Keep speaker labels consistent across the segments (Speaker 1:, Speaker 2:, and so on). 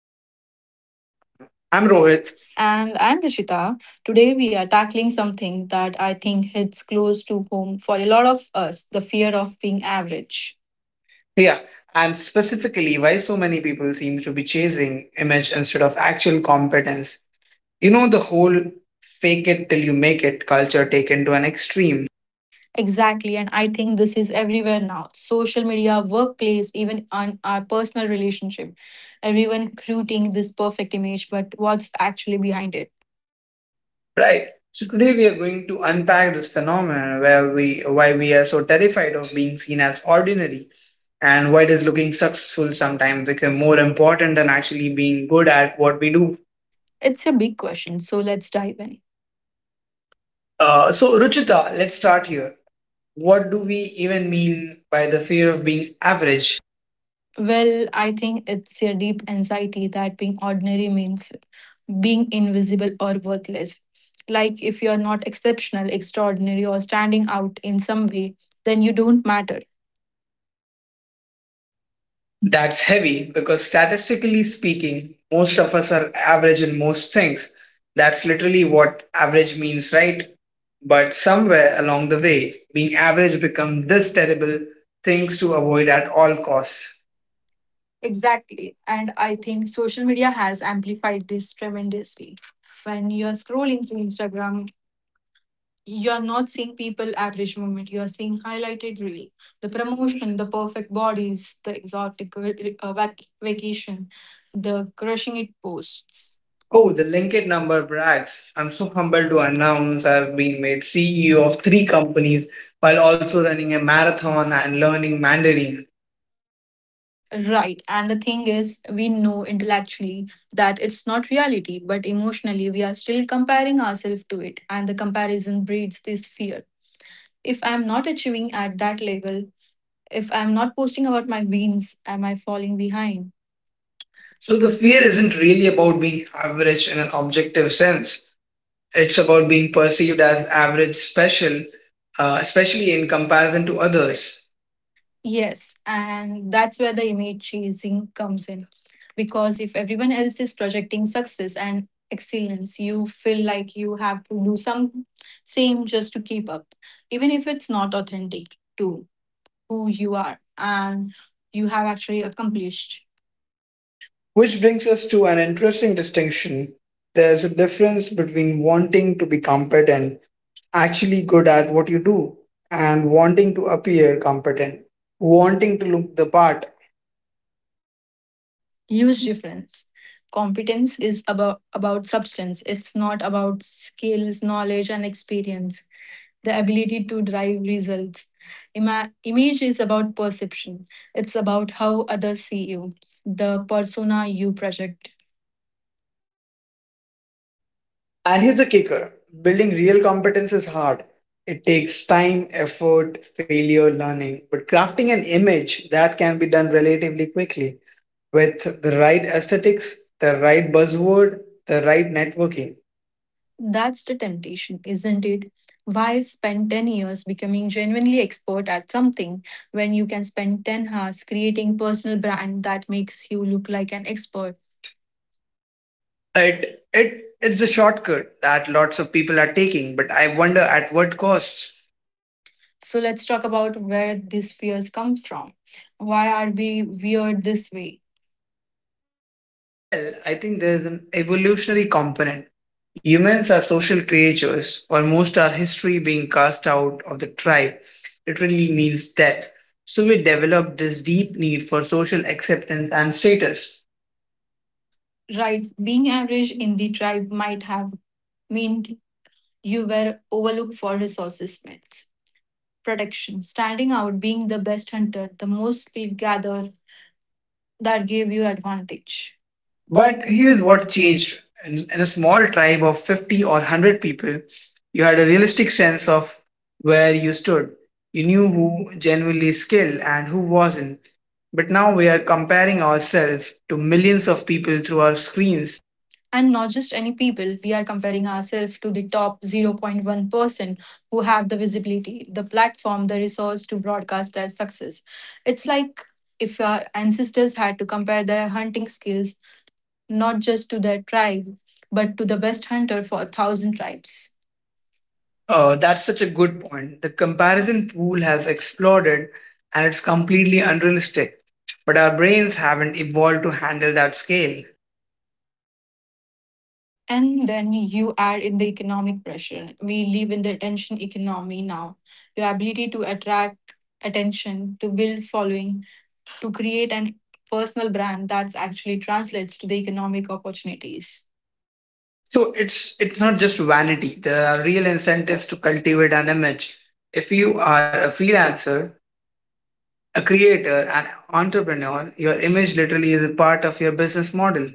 Speaker 1: Conversation. And I'm Rohit.
Speaker 2: And I'm Rishita. Today we are tackling something that I think hits close to home for a lot of us the fear of being average.
Speaker 1: Yeah, and specifically, why so many people seem to be chasing image instead of actual competence. You know, the whole fake it till you make it culture taken to an extreme.
Speaker 2: Exactly, and I think this is everywhere now social media, workplace, even on our personal relationship. Everyone creating this perfect image, but what's actually behind it?
Speaker 1: Right. So today we are going to unpack this phenomenon where we why we are so terrified of being seen as ordinary, and why does looking successful sometimes become more important than actually being good at what we do.
Speaker 2: It's a big question, so let's dive in.
Speaker 1: So, Ruchita, let's start here. What do we even mean by the fear of being average?
Speaker 2: Well, I think it's a deep anxiety that being ordinary means being invisible or worthless. Like if you're not exceptional, extraordinary, or standing out in some way, then you don't matter.
Speaker 1: That's heavy because statistically speaking, most of us are average in most things. That's literally what average means, right? But somewhere along the way, being average becomes this terrible things to avoid at all costs.
Speaker 2: Exactly. And I think social media has amplified this tremendously. When you're scrolling through Instagram, you're not seeing people average moment. You're seeing highlighted reel, the promotion, the perfect bodies, the exotic vacation, the crushing it posts.
Speaker 1: Oh,
Speaker 2: Oh,
Speaker 1: the linked number brags. I'm so humbled to announce I've been made CEO of three companies while also running a marathon and learning Mandarin.
Speaker 2: right. And the thing is, we know intellectually that it's not reality, but emotionally, we are still comparing ourselves to it. And the comparison breeds this fear. If I'm not achieving at that level, if I'm not posting about my beans, am I falling behind? So
Speaker 1: So
Speaker 2: the
Speaker 1: the fear
Speaker 2: fear isn't
Speaker 1: isn't really about being average in an objective sense. It's about being perceived as average special, especially in comparison to others.
Speaker 2: yes, and that's where the image chasing comes in. Because if everyone else is projecting success and excellence, you feel like you have to do some same just to keep up, even if it's not authentic to who you are and you have actually accomplished.
Speaker 1: Which brings us to an interesting distinction. There's a difference between wanting to be competent, actually good at what you do, and wanting to appear competent, wanting to look the part.
Speaker 2: Huge difference. Competence is about substance. It's not about skills, knowledge, and experience, the ability to drive results. Image is about perception, it's about how others see you, the persona you project.
Speaker 1: And here's the kicker: building real competence is hard. It takes time, effort, failure, learning. But crafting an image that can be done relatively quickly, with the right aesthetics, the right buzzword, the right networking.
Speaker 2: That's the temptation, isn't it? Why spend 10 years becoming genuinely expert at something when you can spend 10 hours creating personal brand that makes you look like an expert?
Speaker 1: It's a shortcut that lots of people are taking, but I wonder at what cost.
Speaker 2: So let's talk about where these fears come from. Why are we weird this way?
Speaker 1: Well, I think there's an evolutionary component. Humans are social creatures. Almost our history being cast out of the tribe literally means death. So we developed this deep need for social acceptance and status.
Speaker 2: Right, being average in the tribe might have meant you were overlooked for resources, myths, protection, standing out, being the best hunter, the most lead gatherer that gave you advantage. But
Speaker 1: But
Speaker 2: here's
Speaker 1: here's
Speaker 2: what
Speaker 1: what
Speaker 2: changed.
Speaker 1: changed. In a small tribe of 50 or 100 people, you had a realistic sense of where you stood. You knew who genuinely skilled and who wasn't. But now we are comparing ourselves to millions of people through our screens.
Speaker 2: And not just any people, we are comparing ourselves to the top 0.1% who have the visibility, the platform, the resource to broadcast their success. It's like if our ancestors had to compare their hunting skills not just to their tribe, but to the best hunter for a thousand tribes.
Speaker 1: Oh, that's such a good point. The comparison pool has exploded, and it's completely unrealistic. But our brains haven't evolved to handle that scale.
Speaker 2: And then you add in the economic pressure. We live in the attention economy now. Your ability to attract attention, to build following, to create a personal brand that's actually translates to the economic opportunities.
Speaker 1: So it's not just vanity. There are real incentives to cultivate an image. If you are a freelancer, a creator, an entrepreneur, your image literally is a part of your business model.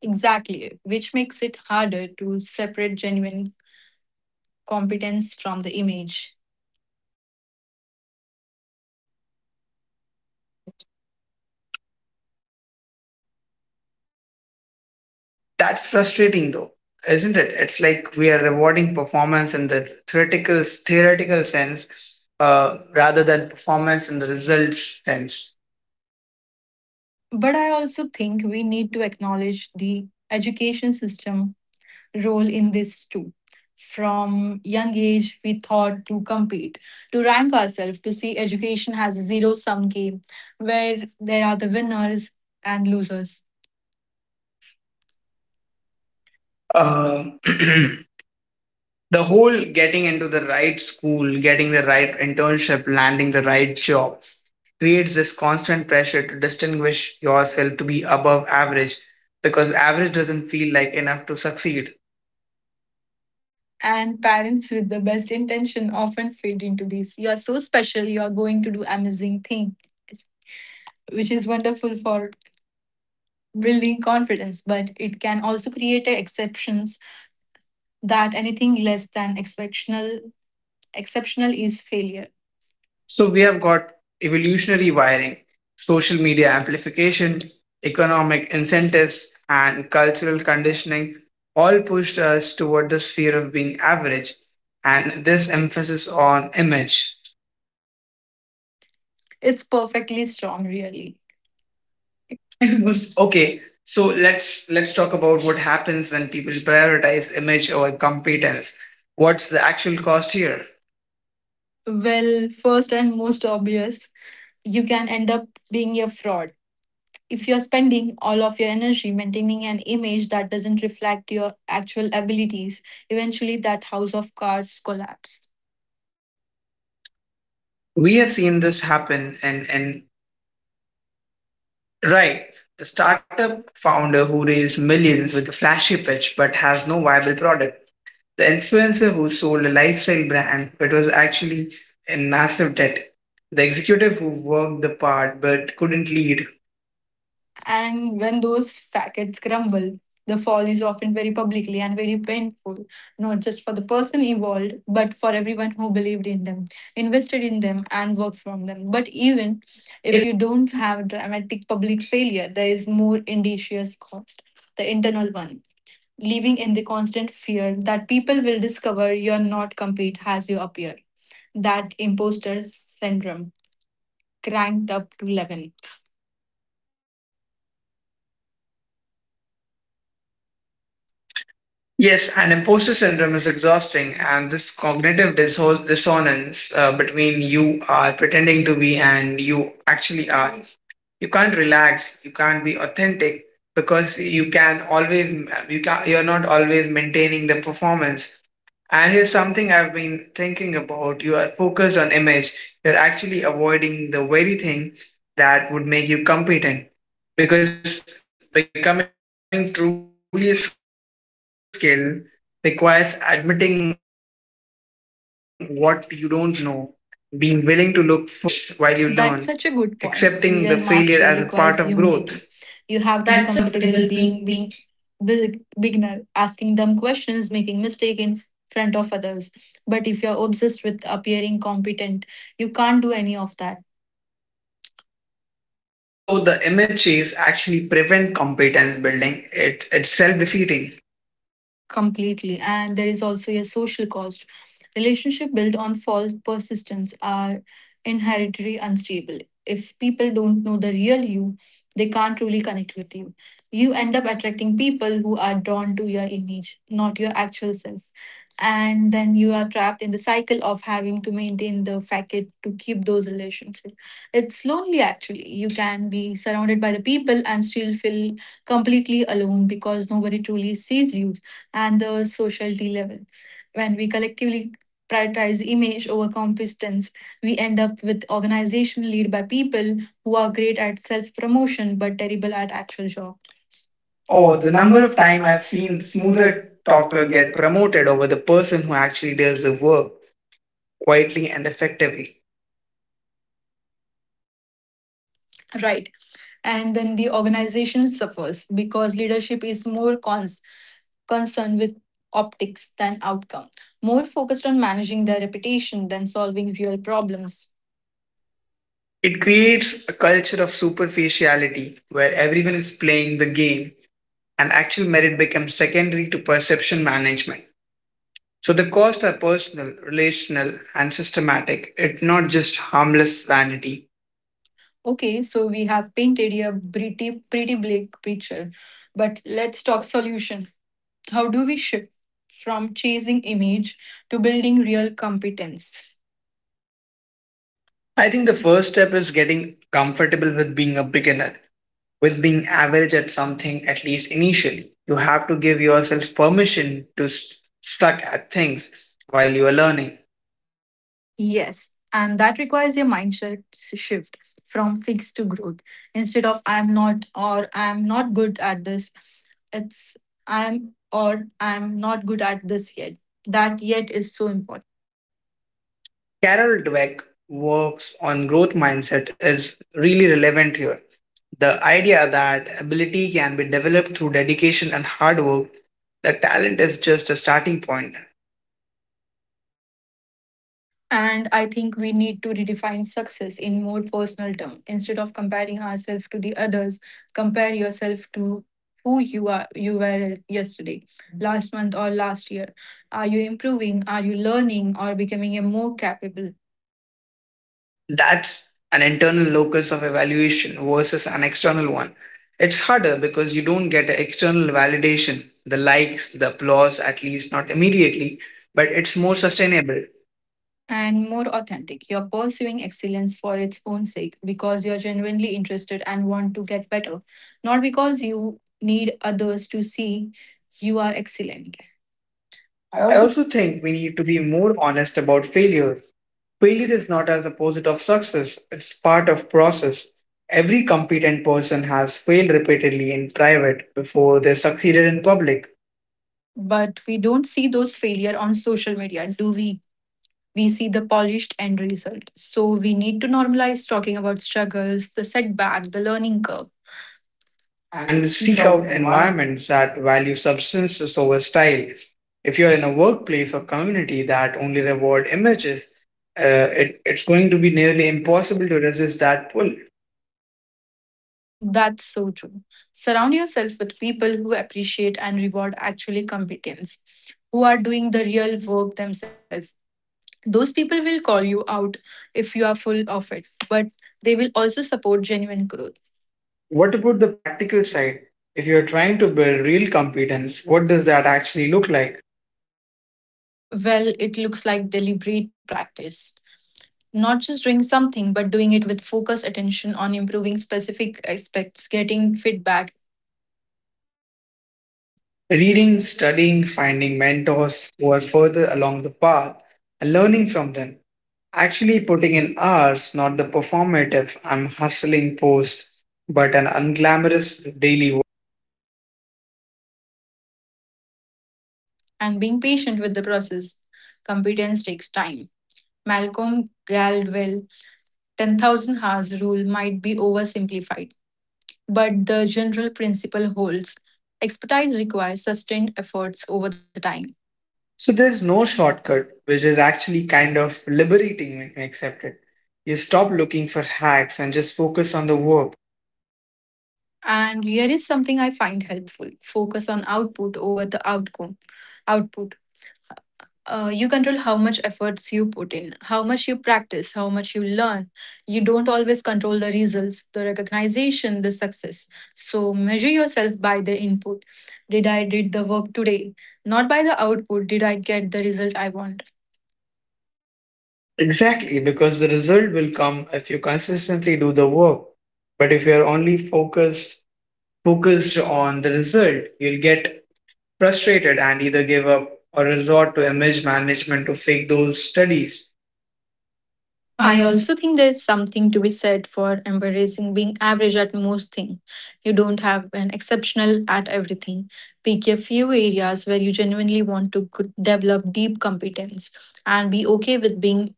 Speaker 2: Exactly, which makes it harder to separate genuine competence from the image.
Speaker 1: That's frustrating though, isn't it? It's like we are rewarding performance in the theoretical sense, rather than performance in the results sense.
Speaker 2: But I also think we need to acknowledge the education system role in this too. From young age, we thought to compete, to rank ourselves, to see education has a zero sum game where there are the winners and losers.
Speaker 1: Uh, the whole getting into the right school, getting the right internship, landing the right job creates this constant pressure to distinguish yourself, to be above average, because average doesn't feel like enough to succeed.
Speaker 2: And parents with the best intention often fade into these. You are so special, you are going to do amazing thing, which is wonderful for building confidence, but it can also create a exceptions that anything less than exceptional exceptional is failure.
Speaker 1: So we have got evolutionary wiring, social media amplification, economic incentives, and cultural conditioning all pushed us toward the sphere of being average and this emphasis on image.
Speaker 2: It's perfectly strong, really.
Speaker 1: Okay, so let's talk about what happens when people prioritize image over competence. What's the actual cost here?
Speaker 2: Well, first and most obvious, you can end up being a fraud. If you're spending all of your energy maintaining an image that doesn't reflect your actual abilities, eventually that house of cards collapse.
Speaker 1: We have seen this happen in right. The startup founder who raised millions with a flashy pitch but has no viable product. The influencer who sold a lifestyle brand but was actually in massive debt. The executive who worked the part but couldn't lead.
Speaker 2: And when those facets crumble, the fall is often very publicly and very painful, not just for the person involved, but for everyone who believed in them, invested in them, and worked from them. But even
Speaker 1: Even if
Speaker 2: if you don't have dramatic public failure, there is more indicious cost, the internal one, living in the constant fear that people will discover you're not complete as you appear. That imposter syndrome cranked up to 11.
Speaker 1: Yes, and imposter syndrome is exhausting, and this cognitive dissonance, between you are pretending to be and you actually are, you can't relax, you can't be authentic, because you can always, you can, you're not always maintaining the performance. And here's something I've been thinking about: you are focused on image, you're actually avoiding the very thing that would make you competent, because becoming truly skilled requires admitting what you don't know, being willing to look foolish while you learn,
Speaker 2: That's such a good point.
Speaker 1: accepting the
Speaker 2: Real
Speaker 1: failure
Speaker 2: mastery
Speaker 1: as a part
Speaker 2: requires
Speaker 1: of growth.
Speaker 2: humility. You have to be comfortable being big, beginner, asking dumb questions, making mistake in front of others. But if you're obsessed with appearing competent, you can't do any of that.
Speaker 1: So the MHAs actually prevent competence building. It's self defeating.
Speaker 2: Completely, and there is also a social cost, relationship built on false persistence are inherently unstable. If people don't know the real you, they can't truly connect with you. You end up attracting people who are drawn to your image, not your actual self, and then you are trapped in the cycle of having to maintain the facade to keep those relationships. It's lonely actually. You can be surrounded by the people and still feel completely alone because nobody truly sees you. And the sociality level. When we collectively prioritize image over competence, we end up with organization led by people who are great at self promotion but terrible at actual job. Oh,
Speaker 1: Oh,
Speaker 2: the
Speaker 1: the
Speaker 2: number
Speaker 1: number
Speaker 2: of
Speaker 1: of
Speaker 2: time
Speaker 1: time
Speaker 2: I've
Speaker 1: I've seen
Speaker 2: seen
Speaker 1: the
Speaker 2: smoother
Speaker 1: smoother
Speaker 2: talker
Speaker 1: talker
Speaker 2: get
Speaker 1: get promoted over the person who actually does the work quietly and effectively.
Speaker 2: right. And then the organization suffers because leadership is more concerned with optics than outcome, more focused on managing their reputation than solving real problems.
Speaker 1: It creates a culture of superficiality where everyone is playing the game, and actual merit becomes secondary to perception management. So the costs are personal, relational, and systematic. It's not just harmless vanity.
Speaker 2: Okay, so we have painted a pretty bleak picture, but let's talk solution. How do we shift from chasing image to building real competence?
Speaker 1: I think the first step is getting comfortable with being a beginner, with being average at something, at least initially. You have to give yourself permission to suck at things while you are learning.
Speaker 2: Yes, and that requires a mindset shift from fixed to growth. Instead of I'm not or I'm not good at this, it's I'm or I'm not good at this yet. That yet is so important.
Speaker 1: Carol Dweck works on growth mindset is really relevant here. The idea that ability can be developed through dedication and hard work, that talent is just a starting point.
Speaker 2: And I think we need to redefine success in more personal terms. Instead of comparing ourselves to the others, compare yourself to who you are you were yesterday, last month or last year. Are you improving? Are you learning or becoming a more capable
Speaker 1: That's an internal locus of evaluation versus an external one. It's harder because you don't get external validation, the likes, the applause, at least not immediately, but it's more sustainable.
Speaker 2: and more authentic? You're pursuing excellence for its own sake because you're genuinely interested and want to get better, not because you need others to see you are excellent. I
Speaker 1: I
Speaker 2: also
Speaker 1: also think we need to be more honest about failure. Failure is not as opposite of success, it's part of process. Every competent person has failed repeatedly in private before they succeeded in public,
Speaker 2: but we don't see those failure on social media do we see the polished end result so we need to normalize talking about struggles the setback the learning curve and
Speaker 1: and
Speaker 2: seek
Speaker 1: seek
Speaker 2: out
Speaker 1: out
Speaker 2: environment
Speaker 1: environments that value substances over style. If you're in a workplace or community that only reward images, it's going to be nearly impossible to resist that pull.
Speaker 2: that's so true. Surround yourself with people who appreciate and reward actually competence, who are doing the real work themselves. Those people will call you out if you are full of it, but they will also support genuine growth.
Speaker 1: What about the practical side? If you're trying to build real competence, what does that actually look like?
Speaker 2: Well, it looks like deliberate practice. Not just doing something, but doing it with focused attention on improving specific aspects, getting feedback,
Speaker 1: Reading, studying, finding mentors who are further along the path, and learning from them. Actually, putting in hours, not the performative, I'm hustling post, but an unglamorous daily work.
Speaker 2: and being patient with the process. Competence takes time. Malcolm Gladwell 10,000 hours rule might be oversimplified, but the general principle holds. Expertise requires sustained efforts over the time.
Speaker 1: So there's no shortcut, which is actually kind of liberating when you accept it. You stop looking for hacks and just focus on the work.
Speaker 2: And here is something I find helpful focus on output over the outcome output you control how much efforts you put in, how much you practice, how much you learn. You don't always control the results, the recognition, the success. So measure yourself by the input. Did I did the work today? Not by the output. Did I get the result I want?
Speaker 1: Exactly, because the result will come if you consistently do the work. But if you're only focused on the result, you'll get frustrated and either give up or resort to image management to fake those studies. I
Speaker 2: I
Speaker 1: also
Speaker 2: also think there's something to be said for embracing being average at most things. You don't have an exceptional at everything. Pick a few areas where you genuinely want to develop deep competence and be okay with being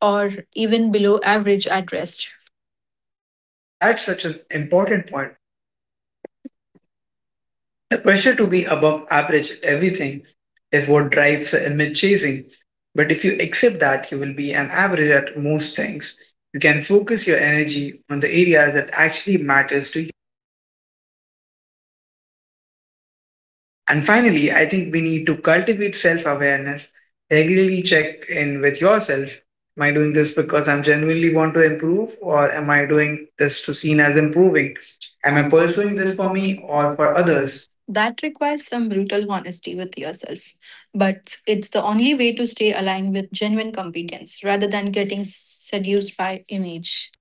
Speaker 2: or even below average at rest.
Speaker 1: That's such an important point. The pressure to be above average at everything is what drives the image chasing. But if you accept that you will be an average at most things, you can focus your energy on the areas that actually matters to. And finally, I think we need to cultivate self awareness, regularly check in with yourself. Am I doing this because I'm genuinely want to improve, or am I doing this to seen as improving? Am
Speaker 2: Am
Speaker 1: I
Speaker 2: I
Speaker 1: pursuing
Speaker 2: pursuing
Speaker 1: this
Speaker 2: this
Speaker 1: for
Speaker 2: for
Speaker 1: me
Speaker 2: me
Speaker 1: or
Speaker 2: or
Speaker 1: for
Speaker 2: for others?
Speaker 1: others?
Speaker 2: That requires some brutal honesty with yourself, but it's the only way to stay aligned with genuine competence rather than getting seduced by image.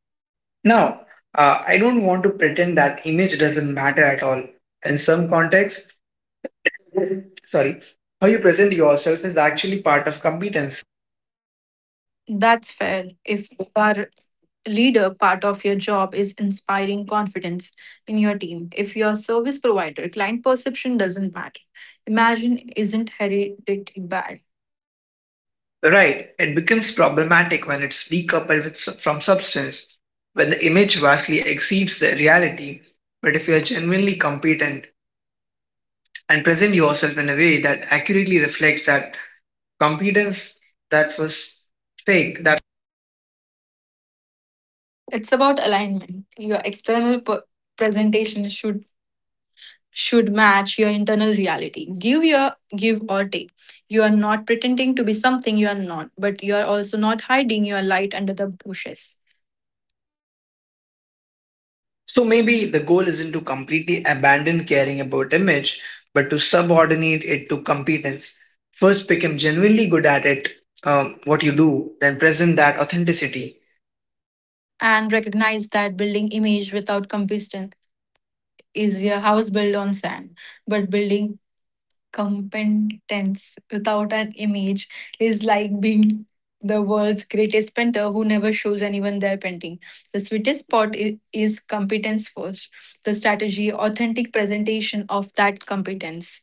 Speaker 1: Now, I don't want to pretend that image doesn't matter at all. In some contexts, sorry, how you present yourself is actually part of competence.
Speaker 2: That's fair. If you are a leader, part of your job is inspiring confidence in your team. If you're a service provider, client perception doesn't matter. Imagine isn't hereditary bad.
Speaker 1: Right, it becomes problematic when it's decoupled with, from substance, when the image vastly exceeds the reality. But if you are genuinely competent and present yourself in a way that accurately reflects that competence, that was fake. That
Speaker 2: It's about alignment. Your external presentation should match your internal reality. Give your give or take. You are not pretending to be something you are not, but you are also not hiding your light under the bushes.
Speaker 1: so maybe the goal isn't to completely abandon caring about image, but to subordinate it to competence. First, become genuinely good at it, what you do, then present that authenticity.
Speaker 2: And recognize that building image without combustion is a house built on sand, but building competence without an image is like being the world's greatest painter who never shows anyone their painting. The sweetest spot is competence first, the strategy, authentic presentation of that competence.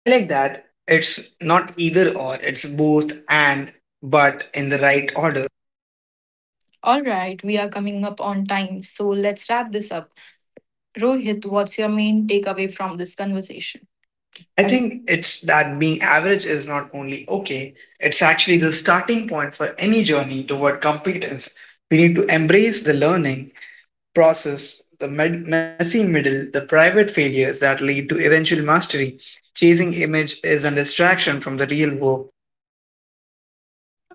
Speaker 1: I like that. It's not either or, it's both and, but in the right order.
Speaker 2: All right, we are coming up on time, so let's wrap this up. Rohit, what's your main takeaway from this conversation?
Speaker 1: I
Speaker 2: I
Speaker 1: think it's that being average is not only okay, it's actually the starting point for any journey toward competence. We need to embrace the learning process, the messy middle, the private failures that lead to eventual mastery. Chasing image is a distraction from the real work.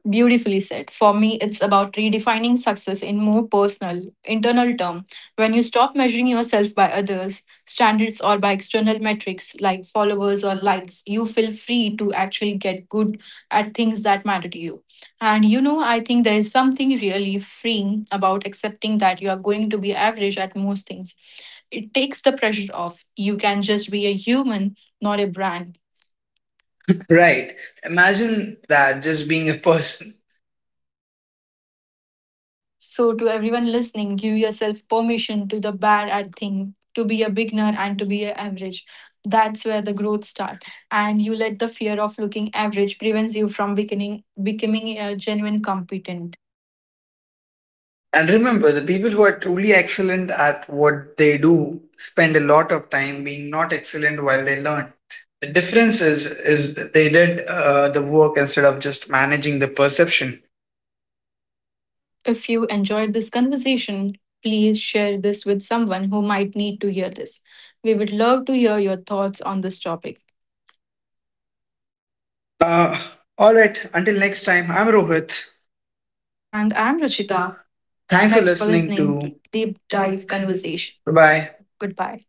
Speaker 2: beautifully said. For me, it's about redefining success in more personal, internal term. When you stop measuring yourself by others, standards or by external metrics like followers or likes, you feel free to actually get good at things that matter to you. And you know, I think there is something really freeing about accepting that you are going to be average at most things. It takes the pressure off. You can just be a human, not a brand.
Speaker 1: Right. Imagine that just being a person.
Speaker 2: So, to everyone listening, give yourself permission to the bad at thing, to be a beginner and to be a average. That's where the growth start. And you let the fear of looking average prevents you from becoming a genuine competent.
Speaker 1: And remember, the people who are truly excellent at what they do spend a lot of time being not excellent while they learn. The difference is that they did the work instead of just managing the perception.
Speaker 2: If you enjoyed this conversation, please share this with someone who might need to hear this. We would love to hear your thoughts on this topic.
Speaker 1: Uh, all right. Until next time, I'm Rohit.
Speaker 2: And I'm Rachita. Thank
Speaker 1: Thanks for
Speaker 2: Thanks for
Speaker 1: listening
Speaker 2: listening
Speaker 1: to
Speaker 2: to
Speaker 1: Deep
Speaker 2: Deep
Speaker 1: dive
Speaker 2: Dive
Speaker 1: conversation.
Speaker 2: Conversation.
Speaker 1: Bye
Speaker 2: Bye.
Speaker 1: Bye.
Speaker 2: Goodbye.